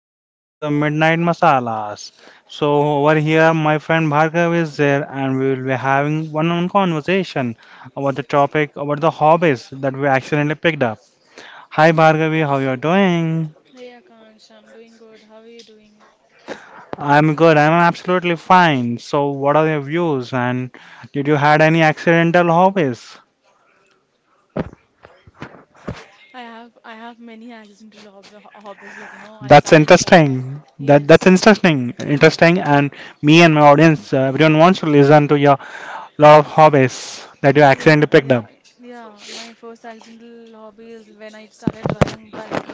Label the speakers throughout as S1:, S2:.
S1: Welcome back to the Midnight Masalas. So Over here my friend Bhargav is there and we will be having one on conversation about the topic about the hobbies that we accidentally picked up. Hi Bhargavi, how you're doing?
S2: Hey Akansh, I'm doing good. How are you doing?
S1: I'm good. I'm absolutely fine. So what are your views and did you had any accidental hobbies?
S2: I have many accidental hobbies. Like you know, I
S1: That's
S2: started.
S1: interesting. That's
S2: Yes,
S1: interesting. Interesting. And me and my audience, everyone wants to listen to your lot of hobbies that you
S2: yeah,
S1: accidentally picked up.
S2: yeah, yeah. My first accidental hobby is when I started driving bike.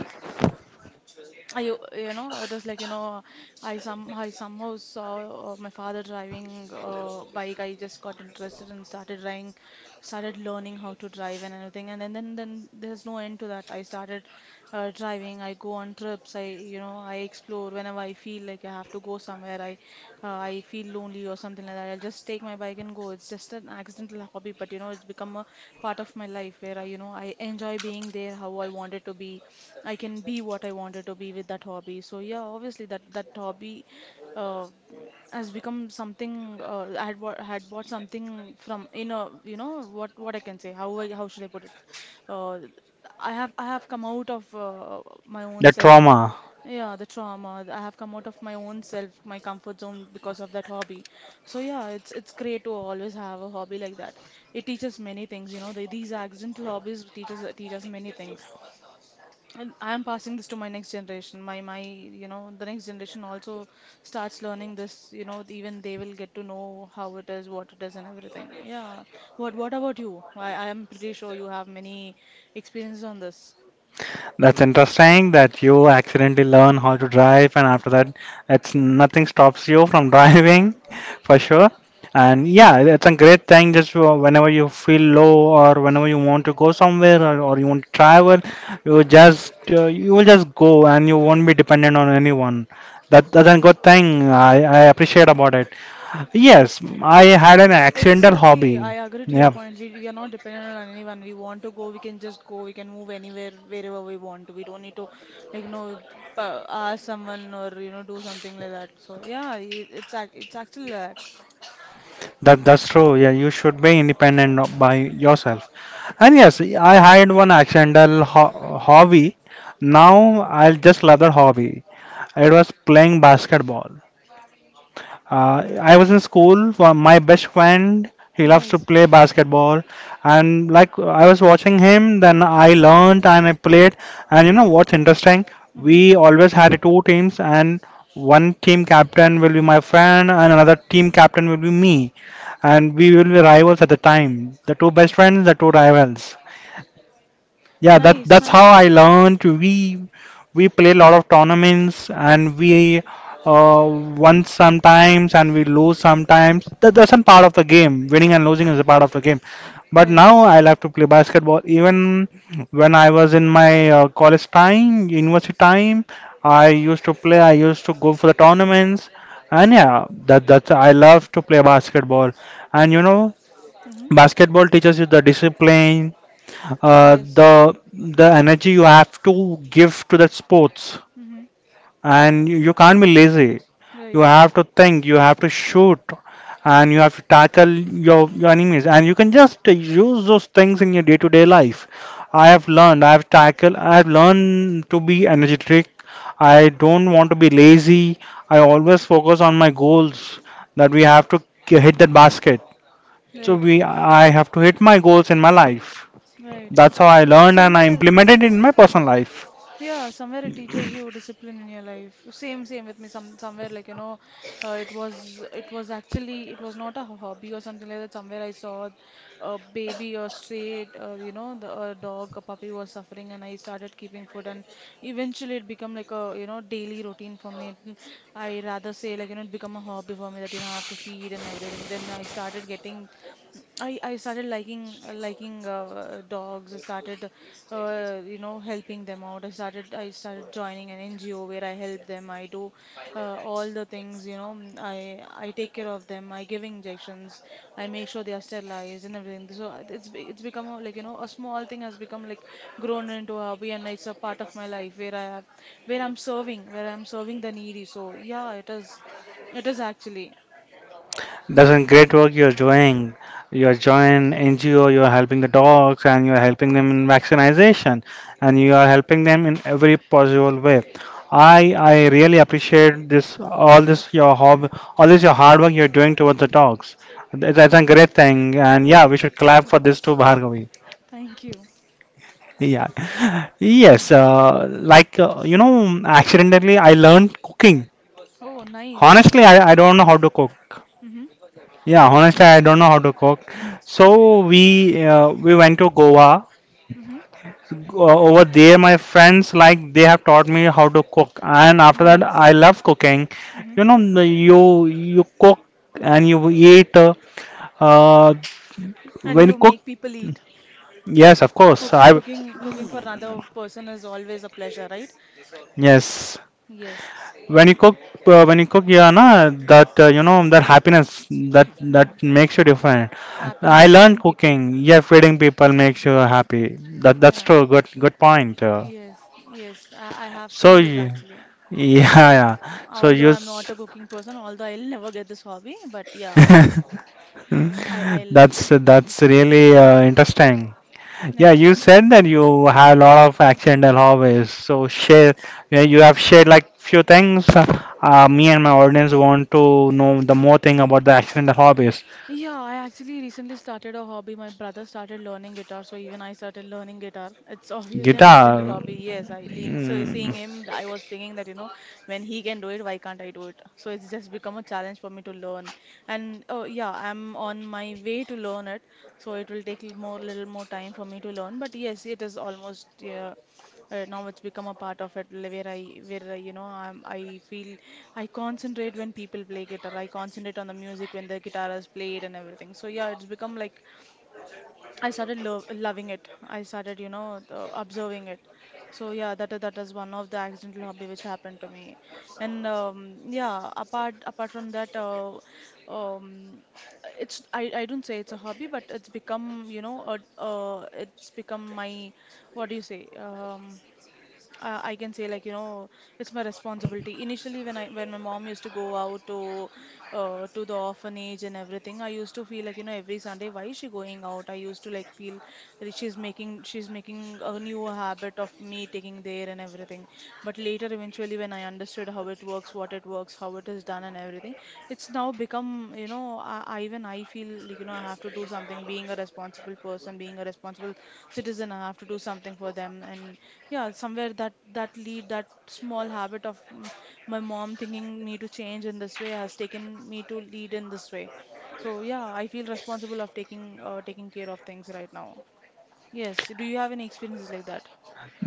S2: I, you know, it was like, you know, I somehow saw my father driving bike. I just got interested and started driving, started learning how to drive and everything. And then there's no end to that. I started driving. I go on trips. I you know I explore whenever I feel like I have to go somewhere. I feel lonely or something like that. I'll just take my bike and go. It's just an accidental hobby, but you know it's become a part of my life where I you know I enjoy being there how I want it to be. I can be what I wanted to be with that hobby. So yeah, obviously that hobby uh, has become something. I had bought something from in a you know what I can say. How should I put it? Uh, I have come out of my own
S1: The
S2: self.
S1: trauma.
S2: Yeah, the trauma. I have come out of my own self, my comfort zone because of that hobby. So yeah, it's great to always have a hobby like that. It teaches many things, you know. These accidental hobbies teach us many things. And I am passing this to my next generation. You know, the next generation also starts learning this, you know, even they will get to know how it is, what it is and everything. Yeah. What about you? I am pretty sure you have many experiences on this.
S1: That's interesting that you accidentally learn how to drive, and after that, it's nothing stops you from driving for sure. And yeah, it's a great thing. Just whenever you feel low or whenever you want to go somewhere or you want to travel, you just you will just go and you won't be dependent on anyone. That's a good thing. I appreciate about it. Yes, I had an accidental
S2: Exactly,
S1: hobby.
S2: I agree to your
S1: Yeah.
S2: point. We are not dependent on anyone. We want to go, we can just go, we can move anywhere, wherever we want to. We don't need to, like, you know, ask someone or, you know, do something like that. So, yeah, it's actually like that.
S1: That's true. Yeah, you should be independent of- by yourself. And yes, I had one accidental hobby. Now I just love that hobby. It was playing basketball. I was in school. My best friend, he loves to
S2: Nice.
S1: play basketball, and like I was watching him, then I learned and I played. And you know what's interesting? We
S2: Mm-hmm.
S1: always had two teams, and one team captain will be my friend, and another team captain will be me, and we will be rivals at the time. The two best friends, the two rivals. Yeah, that
S2: Nice,
S1: that's how
S2: nice.
S1: I learned. We play a lot of tournaments and we uh, won sometimes and we lose sometimes. That's a part of the game. Winning and losing is a part of the game. But
S2: Right.
S1: now I love to play basketball. Even when I was in my college time, university time, I used to play. I used to go for the tournaments. And yeah, that's I love to play basketball. And you know,
S2: Mm-hmm.
S1: basketball teaches you the discipline,
S2: Yes.
S1: the energy you have to give to that sports,
S2: Mm-hmm.
S1: and you can't be lazy. You
S2: Right.
S1: have to think, you have to shoot, and you have to tackle your enemies. And you can just use those things in your day-to-day life. I have learned, I have tackled, I have learned to be energetic. I don't want to be lazy. I always focus on my goals that we have to hit that basket. So
S2: Right.
S1: I have to hit my goals in my life.
S2: Right.
S1: That's how I learned and I
S2: Somewhere.
S1: implemented it in my personal life.
S2: Yeah, somewhere it teaches you discipline in your life. Same, same with me. Somewhere like you know, it was not a hobby or something like that. Somewhere I saw a baby or stray, you know, the a dog, a puppy was suffering, and I started keeping food, and eventually it become like a you know daily routine for me. I rather say like you know it become a hobby for me that you know I have to feed and everything. Then I started liking dogs. I started you know helping them out. I started joining an NGO where I help them. I do all the things you know. I take care of them. I give injections. I make sure they are sterilized and everything. So it's become a, like you know a small thing has become like grown into a hobby and it's a part of my life where I have where I'm serving the needy. So yeah, it is actually.
S1: That's a great work you're doing. You're joining NGO, you're helping the dogs, and you're helping them in vaccination, and you are helping them in every possible way. I really appreciate this all this your hobby, all this your hard work you're doing towards the dogs. That's a great thing, and yeah, we should clap for this too, Bhargavi.
S2: Thank you.
S1: Yeah. Yes. You know, accidentally I learned cooking.
S2: Oh, nice.
S1: Honestly, I don't know how to cook.
S2: Mm-hmm.
S1: Yeah, honestly, I don't know how to cook. So we went to Goa.
S2: Mm-hmm.
S1: Uh, Over there, my friends like they have taught me how to cook, and after that,
S2: Nice.
S1: I love cooking.
S2: Hmm.
S1: You know, you you cook and you eat. Uh,
S2: And
S1: when you
S2: you
S1: cook,
S2: make people eat.
S1: yes, of course.
S2: Cook,
S1: I
S2: cooking, cooking for another person is always a pleasure, right?
S1: yes.
S2: Yes.
S1: When you cook yeah na that you know that happiness that that
S2: Mm.
S1: makes you different.
S2: Happiness
S1: I
S2: of
S1: learned
S2: feeding
S1: cooking.
S2: people.
S1: Yeah, feeding people makes you happy. That's
S2: Yeah.
S1: true. Good, good point.
S2: Yes. Yes. I have
S1: So
S2: seen this
S1: y-
S2: actually.
S1: yeah, yeah. so
S2: Although
S1: you
S2: I'm not
S1: s-
S2: a cooking person, although I'll never get this hobby, but yeah, I, I'll,
S1: that's really interesting. Yeah,
S2: yeah.
S1: you said that you have a lot of accidental hobbies, so share. Yeah, you have shared like few things. Me and my audience want to know the more thing about the accidental hobbies.
S2: Yeah, I actually recently started a hobby. My brother started learning guitar, so even I started learning guitar. It's obviously an
S1: Gita,
S2: accidental hobby. Yes, I lean. So
S1: mm,
S2: seeing him, I was thinking that, you know, when he can do it, why can't I do it? So it's just become a challenge for me to learn. And oh yeah, I'm on my way to learn it, so it will take more little more time for me to learn. But yes, it is almost yeah, now it's become a part of it where you know I feel I concentrate when people play guitar I concentrate on the music when the guitar is played and everything so yeah it's become like I started lo loving it I started you know observing it so yeah that is one of the accidental hobby which happened to me and yeah apart from that um, it's I don't say it's a hobby but it's become you know it's become my what do you say I can say like you know it's my responsibility. Initially, when my mom used to go out to the orphanage and everything, I used to feel like you know every Sunday why is she going out? I used to like feel that she's making a new habit of me taking there and everything. But later, eventually, when I understood how it works, what it works, how it is done, and everything, it's now become you know, I feel like you know I have to do something. Being a responsible person, being a responsible citizen, I have to do something for them. And yeah, somewhere that small habit of my mom thinking me to change in this way has taken me to lead in this way. So yeah, I feel responsible of taking taking care of things right now. Yes. Do you have any experiences like that?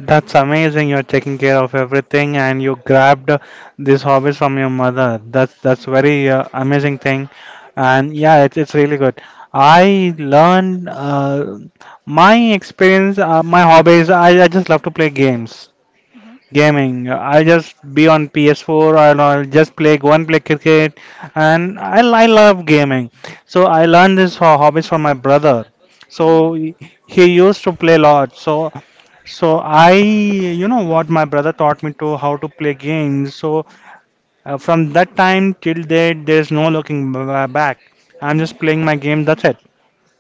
S1: that's amazing. You're taking care of everything, and you grabbed these hobbies from your mother. That's very amazing thing, and yeah, it's really good. I learned my experience, my hobbies. I just love to play games.
S2: Mm-hmm.
S1: Gaming. I'll just be on PS4 or I'll just play, go and play cricket. And I love gaming. So I learned this hobbies from my brother.
S2: Mm-hmm.
S1: So he used to play a lot. So, I, you know what, my brother taught me to how to play games. So from that time till date, there's no looking back. I'm
S2: Mm-hmm.
S1: just playing my game. That's it.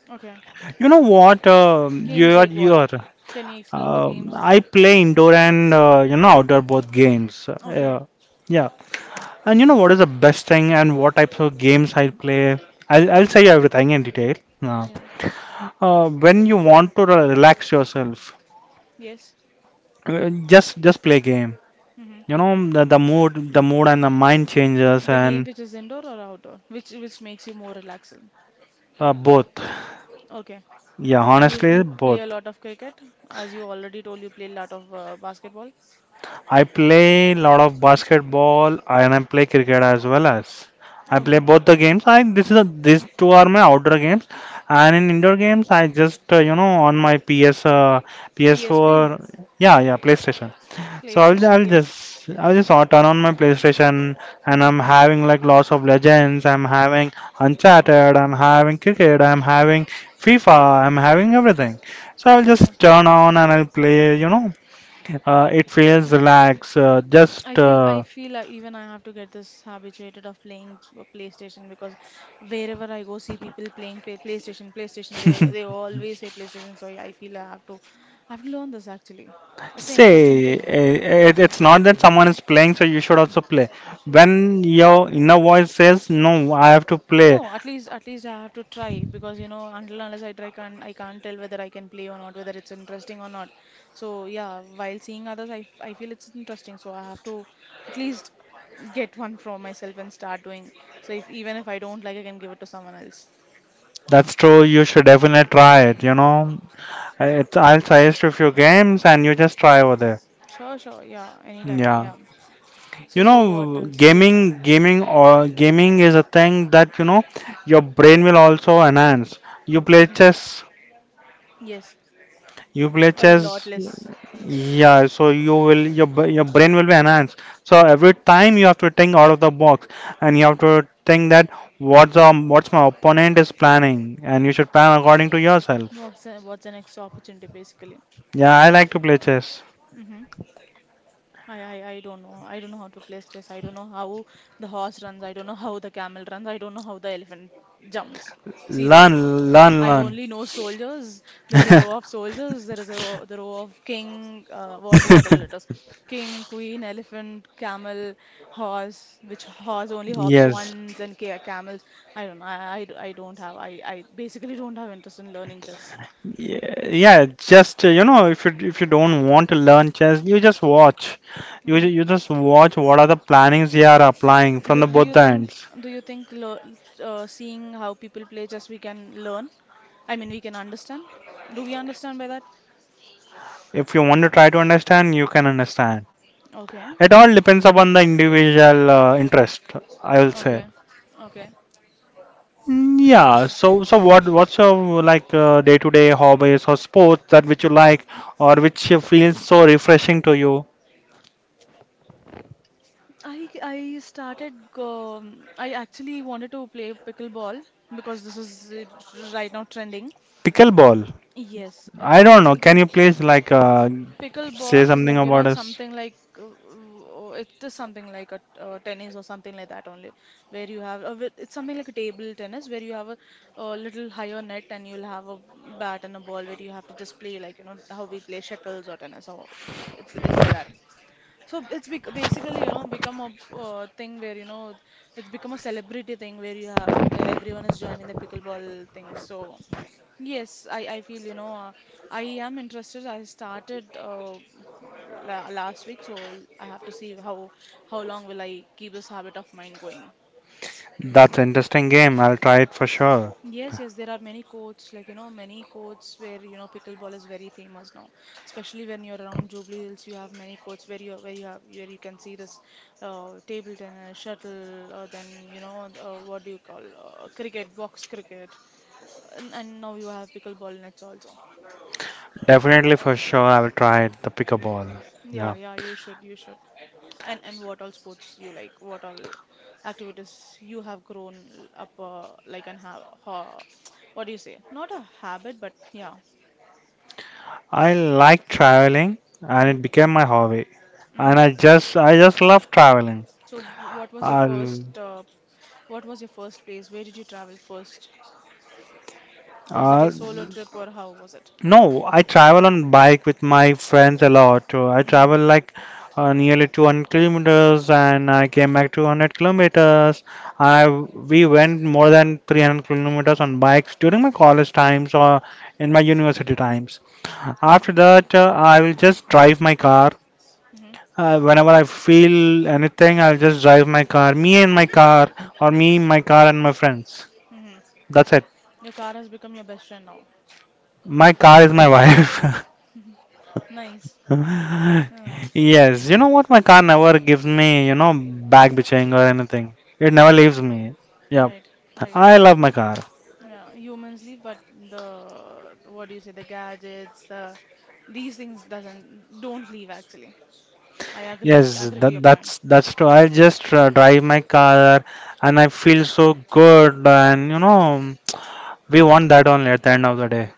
S2: Okay.
S1: You know what?
S2: Games like
S1: You
S2: what?
S1: are.
S2: Can you explain the games?
S1: I play indoor and you know outdoor both games.
S2: Okay.
S1: Yeah, and you know what is the best thing and what types of games I play. I'll
S2: Mm-hmm.
S1: say everything in detail. Uh,
S2: Yeah.
S1: when you want to relax yourself,
S2: Yes.
S1: just play game.
S2: Hmm.
S1: You know the mood and the mind changes.
S2: The game
S1: And
S2: which is indoor or outdoor, which makes you more relaxing.
S1: both.
S2: Okay.
S1: Yeah,
S2: And you
S1: honestly,
S2: you play
S1: both.
S2: a lot of cricket, as you already told you play a lot of basketball.
S1: I play lot of basketball and I play cricket as well as I play
S2: Okay.
S1: both the games. I this is a, these two are my outdoor games, and in indoor games I just you know on my PS uh, PS4.
S2: PSP,
S1: Yeah, yeah, PlayStation. So
S2: PlayStation, yes.
S1: turn on my PlayStation and
S2: Hmm.
S1: I'm having like lots of Legends. I'm having Uncharted. I'm having cricket. I'm having FIFA. I'm having everything. So I'll
S2: Okay.
S1: just turn on and I'll play, you know, it feels relaxed.
S2: I
S1: Just
S2: feel I feel I, even I have to get this habituated of playing PlayStation because wherever I go see people playing PlayStation, PlayStation, they always say PlayStation. So I feel I have to learn this actually. It's an interesting
S1: say
S2: thing.
S1: it's not that someone is playing, so you should also play. When your inner voice says, "No, I have to play,"
S2: No, at least I have to try because you know until unless I try can't tell whether I can play or not, whether it's interesting or not. So yeah, while seeing others, I feel it's interesting. So I have to at least get one for myself and start doing. So if even if I don't like, I can give it to someone else.
S1: that's true. You should definitely try it. You know, I'll suggest you a few games, and you just try over there.
S2: Sure, sure, yeah, anytime,
S1: Yeah,
S2: yeah. So
S1: you
S2: so what
S1: know,
S2: else? Yes,
S1: gaming is a thing that you know your brain will also enhance. You play
S2: hmm
S1: chess.
S2: yes,
S1: You play
S2: a lot
S1: chess.
S2: less.
S1: Yeah, so you will your brain will be enhanced. So every time you have to think out of the box, and you have to think that what's my opponent is planning, and you should plan according to yourself.
S2: What's the next opportunity basically?
S1: Yeah, I like to play chess.
S2: Mm-hmm. I don't know. I don't know how to play chess. I don't know how the horse runs. I don't know how the camel runs. I don't know how the elephant jumps. Seriously.
S1: Learn, learn,
S2: I
S1: learn.
S2: only know soldiers. There's a row of soldiers. The row of king, what all letters? King, queen, elephant, camel, horse, which horse only hops
S1: Yes.
S2: once and ca camels. I don't know. I don't have. I basically don't have interest in learning chess.
S1: Yeah, yeah, just you know, if you don't want to learn chess, you just watch. You
S2: Hmm.
S1: you just watch what are the plannings they are applying from the
S2: Do you
S1: both
S2: think
S1: ends.
S2: do you think lear- seeing how people play chess we can learn? I mean, we can understand. Do we understand by that?
S1: If you want to try to understand, you can understand.
S2: Okay,
S1: It all depends upon the individual interest, I will say.
S2: okay, okay.
S1: Yeah, so so what what's your like day-to-day hobbies or sports that which you like or which you feels so refreshing to you?
S2: I I started go, I actually wanted to play pickleball because this is right now trending.
S1: Pickleball.
S2: Yes, it's
S1: I don't know.
S2: actually.
S1: Can you please like say
S2: Pickleball is
S1: something
S2: like, you know,
S1: about
S2: it's
S1: us?
S2: something like it is something like a tennis or something like that only, where you have it's something like a table tennis where you have a little higher net and you'll have a bat and a ball where you have to just play like, you know, how we play shuttles or tennis or it's like that. So basically, you know, become a thing where, you know, it's become a celebrity thing where you have, where everyone is joining the pickleball thing. So yes, I feel, you know, I am interested. I started la last week, so I have to see how long will I keep this habit of mine going.
S1: That's interesting game. I'll try it for sure.
S2: Yes, yes, there are many courts, like you know, many courts where you know pickleball is very famous now. Especially when you're around Jubilee Hills, you have many courts where you have where you can see this table tennis, shuttle, or then you know what do you call box cricket, and now you have pickleball nets also.
S1: Definitely for sure I will try it, the pickleball. Yeah.
S2: Yeah, yeah, you should, you should. And what all sports you like? What all activities you have grown up like and have ha what do you say? Not a habit, but yeah.
S1: I like traveling and it
S2: Mm-hmm.
S1: became my hobby. And
S2: Hmm.
S1: I just love traveling.
S2: So, what was your
S1: I'll
S2: first what was your first place? Where did you travel first? Was it
S1: Uh,
S2: your solo trip or how was it?
S1: no, I travel on bike with my friends a lot. I
S2: Hmm.
S1: travel like nearly 200 kilometers and I came back 200 kilometers. I we went more than 300 kilometers on bikes during my college times or in my university times.
S2: Hmm.
S1: After that, I will just drive my car.
S2: Hmm.
S1: Whenever I feel anything, I'll just drive my car. Me and my car, or me, my car, and my friends.
S2: Hmm.
S1: That's it.
S2: Your car has become your best friend now.
S1: My car is my wife.
S2: Nice. Yeah.
S1: Yes, you know what? My car never gives me, you know, back bitching or anything. It never
S2: Hmm.
S1: leaves me. Yeah,
S2: Right. Right.
S1: I love my car.
S2: Yeah. Humans leave, but the what do you say? The gadgets, the these things doesn't don't leave actually. I
S1: Yes,
S2: agree to your point.
S1: that's true. I just drive my car and I feel so good. And you know, we want that only at the end of the day.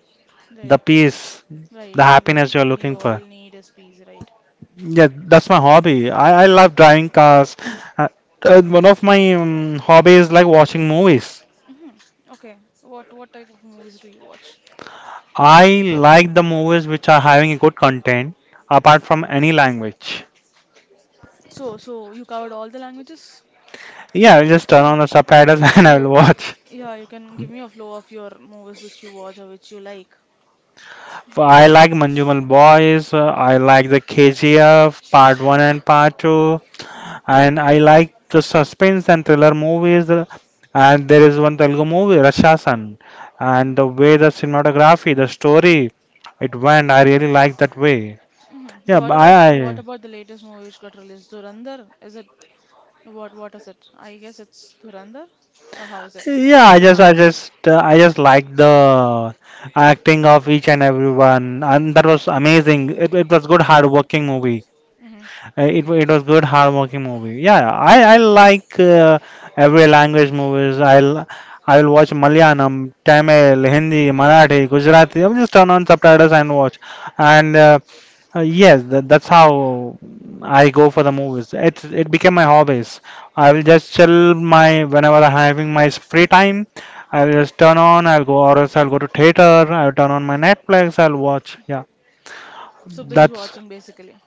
S1: The
S2: Right.
S1: peace,
S2: Right.
S1: the
S2: Right.
S1: happiness you're
S2: We
S1: looking
S2: all
S1: for.
S2: need a space. Right.
S1: Yeah, that's my hobby. I love driving cars. Uh, one of my hobbies is like watching movies.
S2: Hmm. Okay. What type of movies do you watch?
S1: I like the movies which are having a good content apart from any language.
S2: So, you covered all the languages?
S1: Yeah, I'll just
S2: So
S1: turn on
S2: y-
S1: the subtitles and I will
S2: you,
S1: watch.
S2: yeah, you can give me a flow of your movies which you watch or which you like.
S1: But I like Manjumal Boys, I like the KGF part 1 and part 2,
S2: Mm-hmm.
S1: and I like the suspense and thriller movies. And there is one Telugu movie, Rashasan, and
S2: Mm-hmm.
S1: the way the cinematography, the story, it went, I really like that way.
S2: Mm-hmm.
S1: Yeah,
S2: What
S1: but
S2: about what
S1: I,
S2: about the latest movie which got released? Durandar? Is it what is it? I guess it's Durandar or how is it
S1: Yeah,
S2: pronounced?
S1: I just liked the acting of each and everyone, and that was amazing. It was good, hard-working movie.
S2: Mm-hmm.
S1: It was good hardworking movie. Yeah, yeah. I like every language movies. I'll watch Malayalam, Tamil, Hindi, Marathi, Gujarati. I'll just turn on subtitles and watch. And yes, that's how I go for the movies. It became my hobbies. I will just chill my whenever I'm having my free time. I'll just turn on. I'll go, or else I'll go to theater. I'll turn on my Netflix. I'll watch. Yeah,
S2: So binge
S1: that's
S2: watching basically.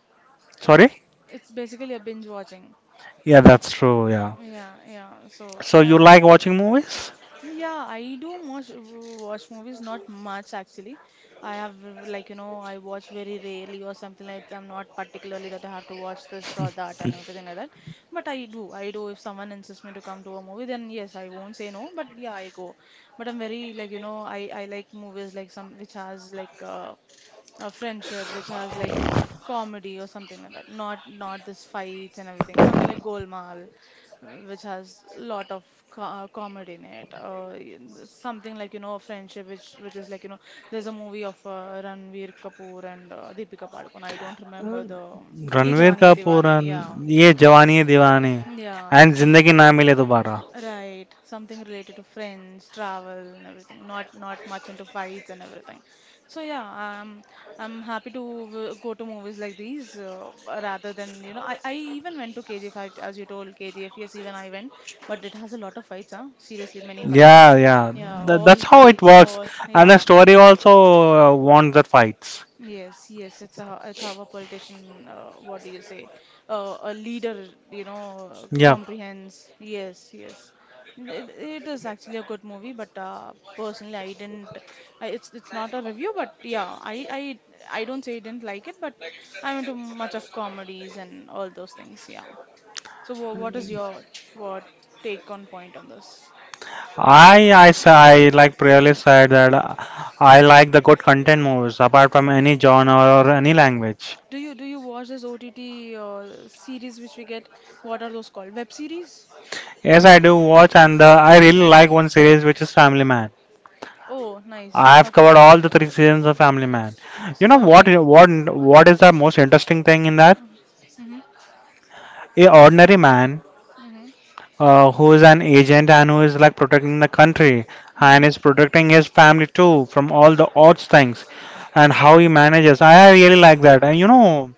S1: sorry.
S2: It's basically a binge watching.
S1: Yeah, that's true. Yeah.
S2: Yeah, yeah.
S1: So you like watching movies?
S2: Yeah, I do watch movies, not much actually. I have like you know I watch very rarely or something like that. I'm not particularly that I have to watch this or that and everything like that. But I do, I do. If someone insists me to come to a movie, then yes, I won't say no. But yeah, I go. But I'm very like you know I like movies like some which has like a friendship, which has like comedy or something like that. Not this fights and everything. Something like Golmaal which has a lot of comedy in it in something like you know a friendship which is like you know there's a movie of Ranveer Kapoor and Deepika Padukone. I don't remember the Ye
S1: Ranveer
S2: Jawani Hai
S1: Kapoor
S2: Diwani. Yeah,
S1: and ये जवानी है दीवानी
S2: yeah,
S1: and
S2: so
S1: जिंदगी ना मिले दोबारा.
S2: right, something related to friends, travel, and everything. Not much into fights and everything. So yeah, I'm happy to go to movies like these rather than you know. I even went to KGF as you told KGF. Yes, even I went, but it has a lot of fights, huh? Seriously, many fights.
S1: Yeah, yeah.
S2: Yeah,
S1: That,
S2: all
S1: that's how it
S2: fights.
S1: works.
S2: All
S1: And the
S2: yeah,
S1: story also wants the fights.
S2: yes, yes, it's a it's how a politician, what do you say, a leader, you know,
S1: Yeah.
S2: comprehends. Yes, yes, it is actually a good movie, but personally, I didn't. I, it's not a review, but yeah, I I don't say I didn't like it, but I'm into much of comedies and all those things. Yeah. So what is your what take on point on this?
S1: I like previously said that I like the good content movies apart from any genre or any language.
S2: Do you watch this OTT series which we get? What are those called? Web series?
S1: Yes, I do watch, and I really like one series, which is Family Man.
S2: Oh, nice.
S1: I've
S2: Okay.
S1: covered all the three seasons of Family Man. You
S2: S-
S1: know what?
S2: Okay.
S1: What is the most interesting thing in that?
S2: Mm-hmm.
S1: A ordinary man
S2: Mm-hmm.
S1: who is an agent and who is like protecting the country and is
S2: Mm-hmm.
S1: protecting his family too from all the odds things, and how he manages. I really like that. And you know,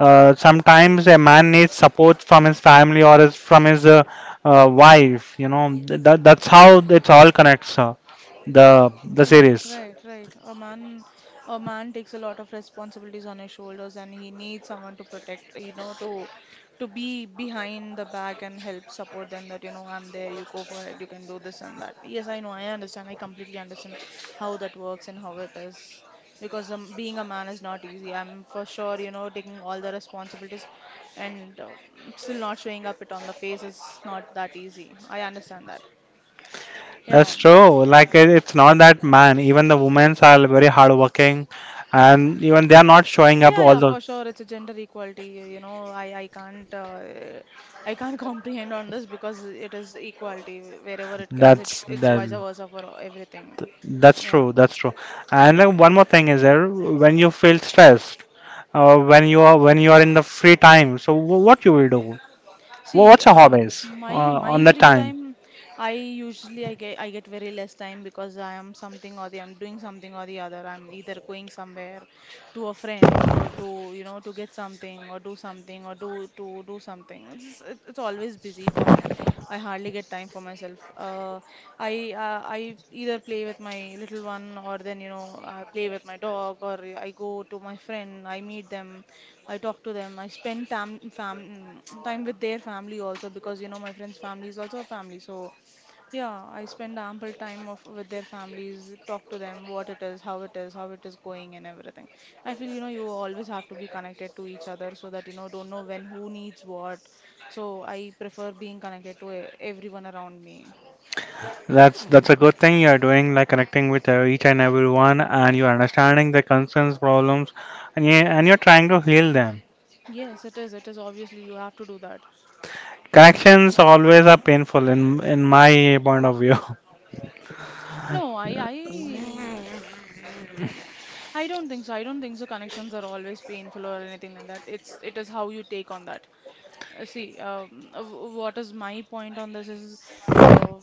S1: sometimes a man needs support from his family or his, from his wife. You know, that's how it all connects. The the
S2: Right,
S1: series.
S2: right, right. A man takes a lot of responsibilities on his shoulders, and he needs someone to protect, you know, to be behind the back and help support them. That you know, I'm there. You go for it. You can do this and that. Yes, I know. I understand. I completely understand how that works and how it is. Because being a man is not easy. I'm for sure, you know, taking all the responsibilities, and still not showing up it on the face is not that easy. I understand that. Yeah.
S1: That's true. Like it, it's not that man. Even the women are very hardworking, and even they are not showing up.
S2: Yeah, yeah,
S1: Although
S2: for sure. It's a gender equality. You know, I can't comprehend on this because it is equality wherever it goes.
S1: that's
S2: It's
S1: that
S2: vice versa for everything.
S1: that's
S2: Yeah.
S1: true. That's true. And like, one more thing is there: when you feel stressed, when you are in the free time. So what you will do?
S2: See,
S1: What's your hobbies
S2: my
S1: on
S2: my
S1: the
S2: free
S1: time?
S2: time, I usually I get very less time because I am something or the I'm doing something or the other. I'm either going somewhere to a friend to you know to get something or do to do something. It's always busy for me. I hardly get time for myself. I either play with my little one or then you know I play with my dog or I go to my friend. I meet them. I talk to them. I spend time fam time with their family also because you know my friend's family is also a family. So yeah, I spend ample time of with their families, talk to them what it is, how it is, how it is going and everything. I feel you know you always have to be connected to each other so that you know don't know when who needs what. So I prefer being connected to everyone around me.
S1: That's a good thing you're doing, like connecting with each and everyone, and you're understanding the concerns, problems, and you're trying to heal them.
S2: Yes, it is. It is obviously you have to do that.
S1: Connections always are painful in my point of view.
S2: No, I I don't think so. I don't think so. Connections are always painful or anything like that. It's it is how you take on that. See, what is my point on this is, uh,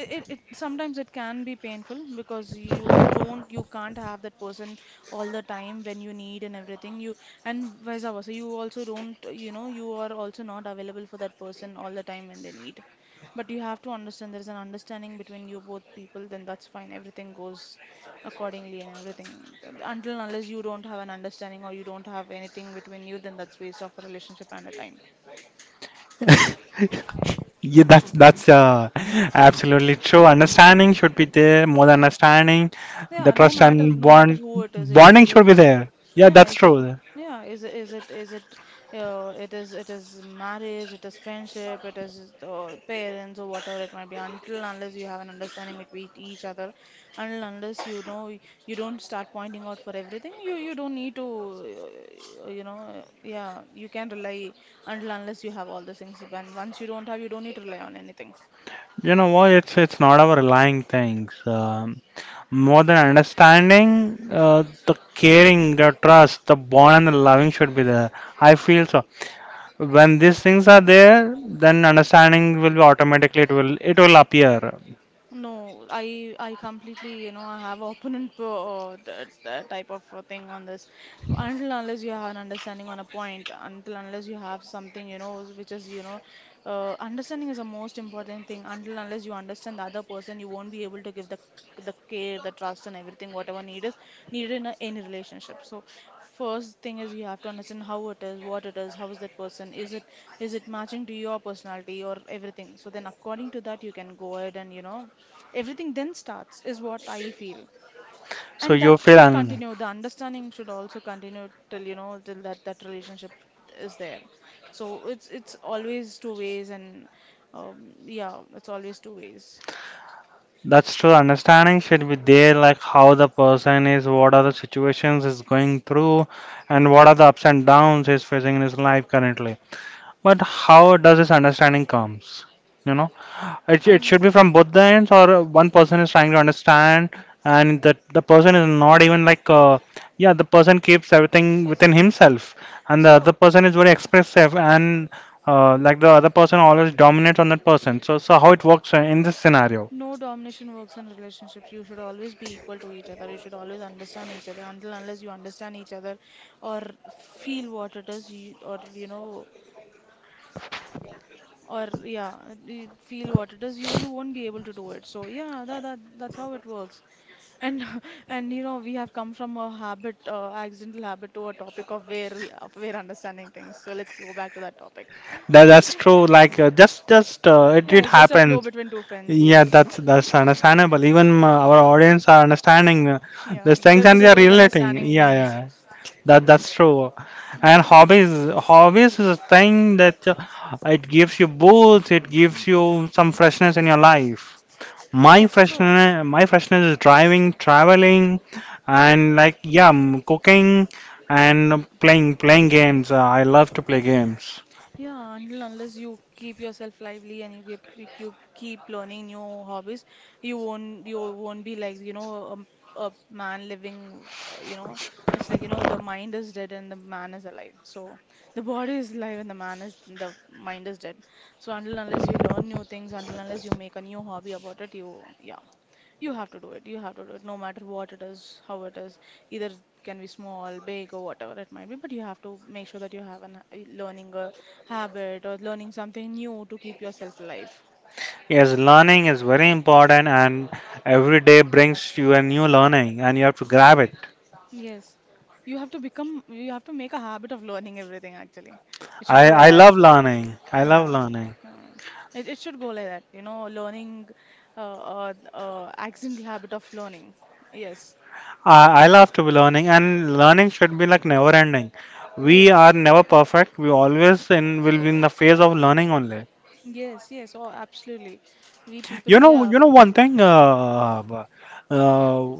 S2: it, sometimes it can be painful because you don't you can't have that person all the time when you need and everything you and vice versa you also don't you know you are also not available for that person all the time when they need, but you have to understand there's an understanding between you both people. Then that's fine, everything goes accordingly and everything until and unless you don't have an understanding or you don't have anything between you. Then that's waste of a relationship and a time.
S1: Yeah, that's absolutely true. Understanding should be there, more than understanding. The
S2: Yeah, no
S1: trust
S2: matter
S1: and
S2: no matter who it
S1: bonding
S2: is
S1: should
S2: it.
S1: be there. Yeah,
S2: Yeah,
S1: that's
S2: is it?
S1: true.
S2: Yeah, is it? Is it? Is it? It is. It is marriage. It is friendship. It is parents or whatever it might be. Until unless you have an understanding between each other, until unless you don't start pointing out for everything, you don't need to. You know, yeah, you can rely until unless you have all the things. And once you don't have, you don't need to rely on anything.
S1: You know what? It's not about relying things. More than understanding, the caring, the trust, the bond, and the loving should be there. I feel so. When these things are there, then understanding will be automatically, it will appear.
S2: No, I completely, you know, I have opponent that, that type of thing on this. Until unless you have an understanding on a point, until unless you have something, you know, which is, you know, understanding is the most important thing. Until unless you understand the other person, you won't be able to give the care, the trust, and everything whatever need is needed in a, any relationship. So first thing is you have to understand how it is, what it is, how is that person, is it matching to your personality or everything. So then according to that you can go ahead and you know. Everything then starts, is what I feel.
S1: So
S2: And that
S1: you feel
S2: should
S1: un-
S2: continue. The understanding should also continue till, you know, till that, that relationship is there. So it's always two ways and yeah, it's always two ways.
S1: that's true. Understanding should be there, like how the person is, what are the situations is going through, and what are the ups and downs he's facing in his life currently. But how does this understanding comes? You know, it should
S2: And
S1: be from both the ends, or one person is trying to understand, and that the person is not even like, yeah, the person keeps everything within himself, and the other
S2: so,
S1: person is very expressive and like the other person always dominates on that person. So, so how it works in this scenario?
S2: no domination works in relationships. You should always be equal to each other. You should always understand each other. Until unless you understand each other or feel what it is, you, or you know, or yeah you feel what it is you you won't be able to do it so yeah that, that that's how it works and and you know we have come from a habit accidental habit to a topic of where we of where understanding things so let's go back to that topic.
S1: That's true. Like just it
S2: Yeah,
S1: it
S2: it's just a flow
S1: happens.
S2: between two friends.
S1: Yeah,
S2: Yes.
S1: that's understandable. Even our audience are understanding
S2: Yeah,
S1: these things, and
S2: this
S1: they
S2: is
S1: are
S2: what
S1: relating.
S2: understanding
S1: Yeah,
S2: means.
S1: yeah. That's true. And
S2: Yeah,
S1: hobbies is a thing that it gives you boost. It gives you some freshness in your life. My
S2: yes, true.
S1: freshness my freshness is driving, traveling, and like cooking and playing games. I love to play games.
S2: Yeah, until unless you keep yourself lively and you keep learning new hobbies, you won't be like you know a, man living. You know, it's like you know the mind is dead and the man is alive. So the body is alive and the man is the mind is dead. So until unless you learn new things, until unless you make a new hobby about it, you yeah. You have to do it. You have to do it, no matter what it is, how it is. Either it can be small, big, or whatever it might be, but you have to make sure that you have an a learning a habit or learning something new to keep yourself alive.
S1: Yes, learning is very important, and every day brings you a new learning, and you have to grab it.
S2: Yes. You have to become, you have to make a habit of learning everything, actually. It should go
S1: I,
S2: like
S1: I
S2: that.
S1: love learning. I love
S2: Yeah.
S1: learning.
S2: Hmm. It should go like that, you know, learning, accidental habit of learning. Yes.
S1: I love to be learning, and learning should be like never ending. We
S2: Right.
S1: are never perfect. We always in will be in the phase of learning only.
S2: Yes, yes. Oh, absolutely. We people, yeah.
S1: You know one thing. Uh,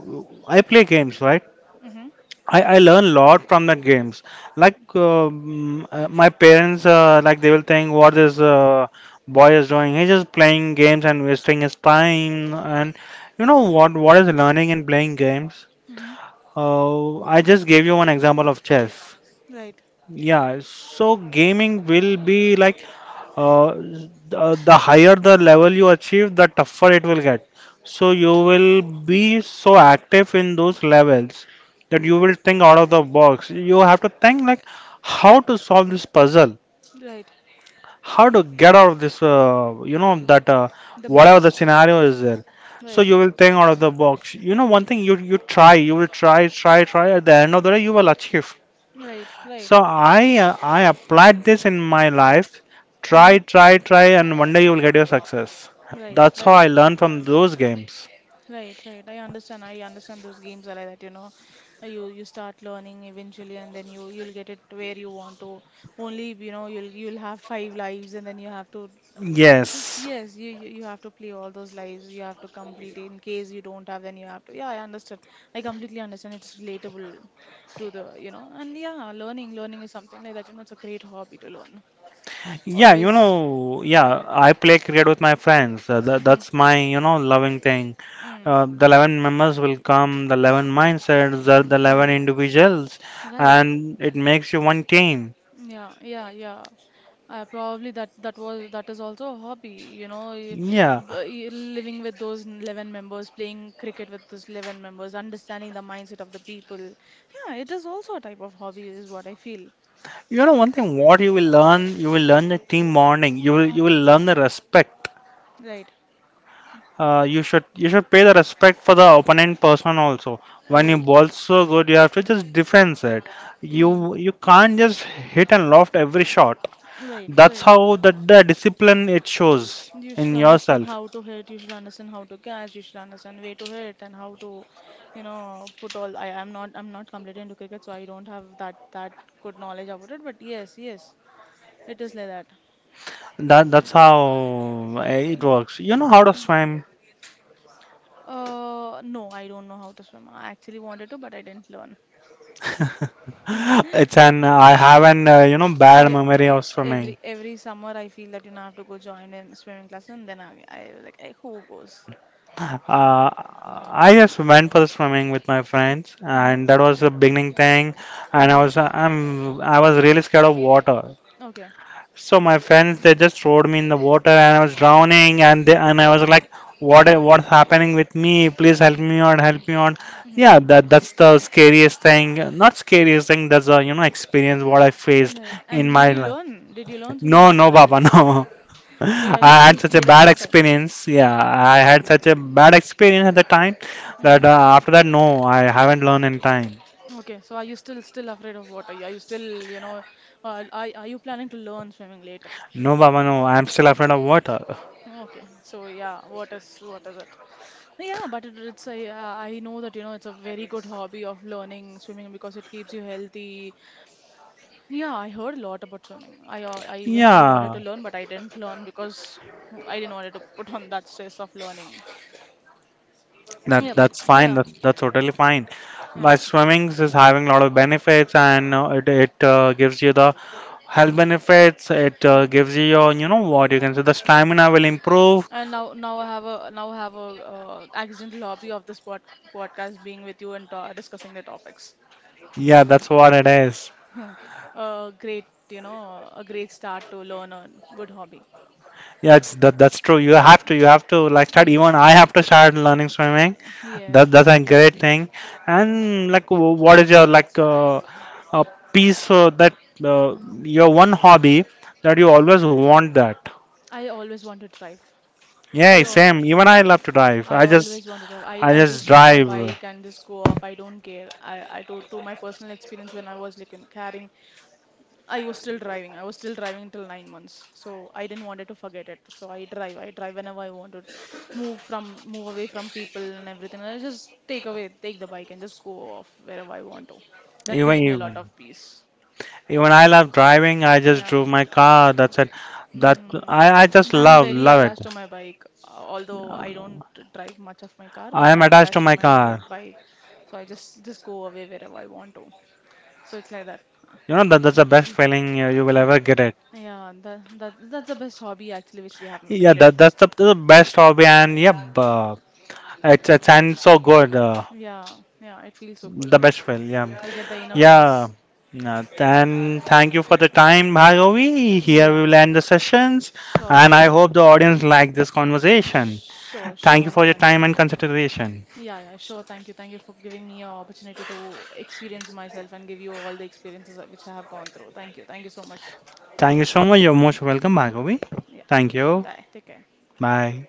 S1: I play games, right?
S2: Mm-hmm.
S1: I learn a lot from that games. Like my parents, like they will think, what this boy is doing? He's just playing games and wasting his time. And you know what? What is learning in playing games?
S2: Mm-hmm.
S1: I just gave you one example of chess.
S2: Right,
S1: Yeah, so gaming will be like uh, the higher the level you achieve, the tougher it will get. So you will be so active in those levels that you will think out of the box. You have to think like how to solve this puzzle,
S2: right.
S1: how to get out of this, you know, that
S2: The
S1: whatever the
S2: maze.
S1: scenario is there. So
S2: Right,
S1: you will think out of the box. You know, one thing you try, you will try, try, try. At the end of the day, you will achieve.
S2: right, right.
S1: So I applied this in my life.
S2: Mm-hmm.
S1: Try, try, try, and one day you will get your success.
S2: Right,
S1: That's how
S2: right.
S1: I learned from those games.
S2: Right, right. I understand. I understand those games are like that, you know. You you start learning eventually and then you you'll get it where you want to. Only, you'll have five lives, and then you have to...
S1: Yes.
S2: Yes, you you have to play all those lives. You have to complete it. In case you don't have, then you have to. Yeah, I understand. I completely understand. It's relatable to the, and yeah, learning is something like that. You know, it's a great hobby to learn.
S1: Yeah, you
S2: Always.
S1: know, yeah, I play cricket with my friends. That's my, you know, loving thing.
S2: Mm-hmm. Mm.
S1: The 11 members will come, the 11 mindsets, the 11
S2: Mm.
S1: individuals,
S2: Right.
S1: and it makes you one team.
S2: Yeah, yeah, yeah. I probably that was that is also a hobby,
S1: Yeah.
S2: living with those 11 members, playing cricket with those 11 members, understanding the mindset of the people. Yeah, it is also a type of hobby, is what I feel.
S1: You know, one thing what you will learn the team bonding. You will learn the respect.
S2: Right,
S1: You should pay the respect for the opponent person also. When you
S2: right.
S1: ball so good, you have to just defense it.
S2: Hmm.
S1: You can't just hit and loft every shot.
S2: Right,
S1: That's
S2: right.
S1: how that the discipline it shows
S2: You should
S1: in
S2: understand
S1: yourself.
S2: how to hit, you should understand how to catch, you should understand where to hit and how to, put all I'm not completely into cricket, so I don't have that good knowledge about it, but yes, yes. It is like that.
S1: That that's how it works. You know how to
S2: Mm.
S1: swim.
S2: No, I don't know how to swim. I actually wanted to, but I didn't learn.
S1: It's an I have an bad
S2: I
S1: memory
S2: I-
S1: of swimming.
S2: every summer I feel that I have to go join a swimming class, and then I like, "Eh, who goes?"
S1: Uh, I just went for the swimming with my friends,
S2: Mm-hmm.
S1: and that was the beginning thing. And
S2: Mm.
S1: I was really scared of water.
S2: Okay.
S1: So my friends, they just throwed me in the water, and I was drowning. And they, and I was like, what's happening with me? Please help me out, help me out.
S2: Mm-hmm.
S1: Yeah, that that's the scariest thing. Not scariest thing. That's a you know experience what I faced
S2: Right.
S1: in
S2: And
S1: my
S2: did you
S1: life.
S2: learn? Did you learn swimming
S1: No,
S2: after
S1: no,
S2: that?
S1: Baba, no.
S2: So yeah, you
S1: I
S2: still
S1: had such a
S2: scared of
S1: bad
S2: water?
S1: experience. Yeah, I had such a bad experience at the time
S2: Mm-hmm.
S1: that after that, no, I haven't learned in time.
S2: Okay. So are you still afraid of water? Are you still, you know, are you planning to learn swimming later?
S1: No, Baba, no, I'm still afraid of water.
S2: Okay, so yeah, what is it? Yeah, but it's a, yeah, I know that it's a very good hobby of learning swimming because it keeps you healthy. Yeah, I heard a lot about swimming. I eventually wanted
S1: Yeah,
S2: to learn, but I didn't learn because I didn't wanted to put on that stress of learning. Yeah, but
S1: that's fine.
S2: yeah,
S1: That's totally fine. Like
S2: yeah.
S1: swimming is having a lot of benefits, and it it gives you the health benefits. It
S2: Mm.
S1: gives you your, you know what you can say, the stamina will improve.
S2: And now I have a accidental hobby of this podcast being with you and ta discussing the topics.
S1: Yeah, that's what it is.
S2: A great, you know, a great start to learn a good hobby.
S1: Yeah, it's that's true.
S2: Uh,
S1: You have to like start.
S2: y-
S1: Even I have to start learning swimming.
S2: Yes.
S1: That that's a great thing.
S2: Mhm.
S1: And like, what is your like a piece that uh, your one hobby that you always want that?
S2: I always want to drive. I
S1: Yeah,
S2: al-
S1: same. Even I love to drive.
S2: I always want to drive.
S1: I
S2: I
S1: just
S2: just take my
S1: drive.
S2: bike and just go off. I don't care. I, to my personal experience, when I was like carrying, I was still driving. I was still driving till 9 months. So I didn't wanted to forget it. So I drive. I drive whenever I wanted. Move away from people and everything. I just take the bike and just go off wherever I want to. That
S1: Even
S2: gives me a lot
S1: even
S2: of peace.
S1: Even I love driving. I just
S2: Yeah.
S1: drove my car. That's it. That
S2: Mm.
S1: I just
S2: I'm very
S1: love
S2: attached to
S1: it.
S2: my bike. Although I don't drive much of my car,
S1: I
S2: but
S1: am
S2: I'm
S1: attached to
S2: attached to
S1: my
S2: my
S1: car.
S2: bike. So I just go away wherever I want to. So it's like that. Uh,
S1: You know that that's the best feeling you will ever get it.
S2: Yeah, that's the best hobby actually which we have
S1: Yeah,
S2: made it.
S1: that's the best hobby, and yeah, it's and so good.
S2: Yeah, yeah, it feels so good.
S1: Yeah,
S2: We get the inner peace.
S1: yeah. No, and thank you for the time, Bhargavi. Here we
S2: Yeah,
S1: will end the sessions,
S2: sure,
S1: and I
S2: sure,
S1: hope the audience liked this conversation.
S2: sure,
S1: Thank you
S2: sure,
S1: for your
S2: Akash.
S1: time and consideration.
S2: Yeah, yeah, sure. Thank you for giving me an opportunity to experience myself and give you all the experiences that- which I have gone through. Thank you so much.
S1: Thank you so much. You're most welcome, Bhargavi.
S2: Yeah,
S1: Thank you.
S2: bye. Take care.
S1: Bye.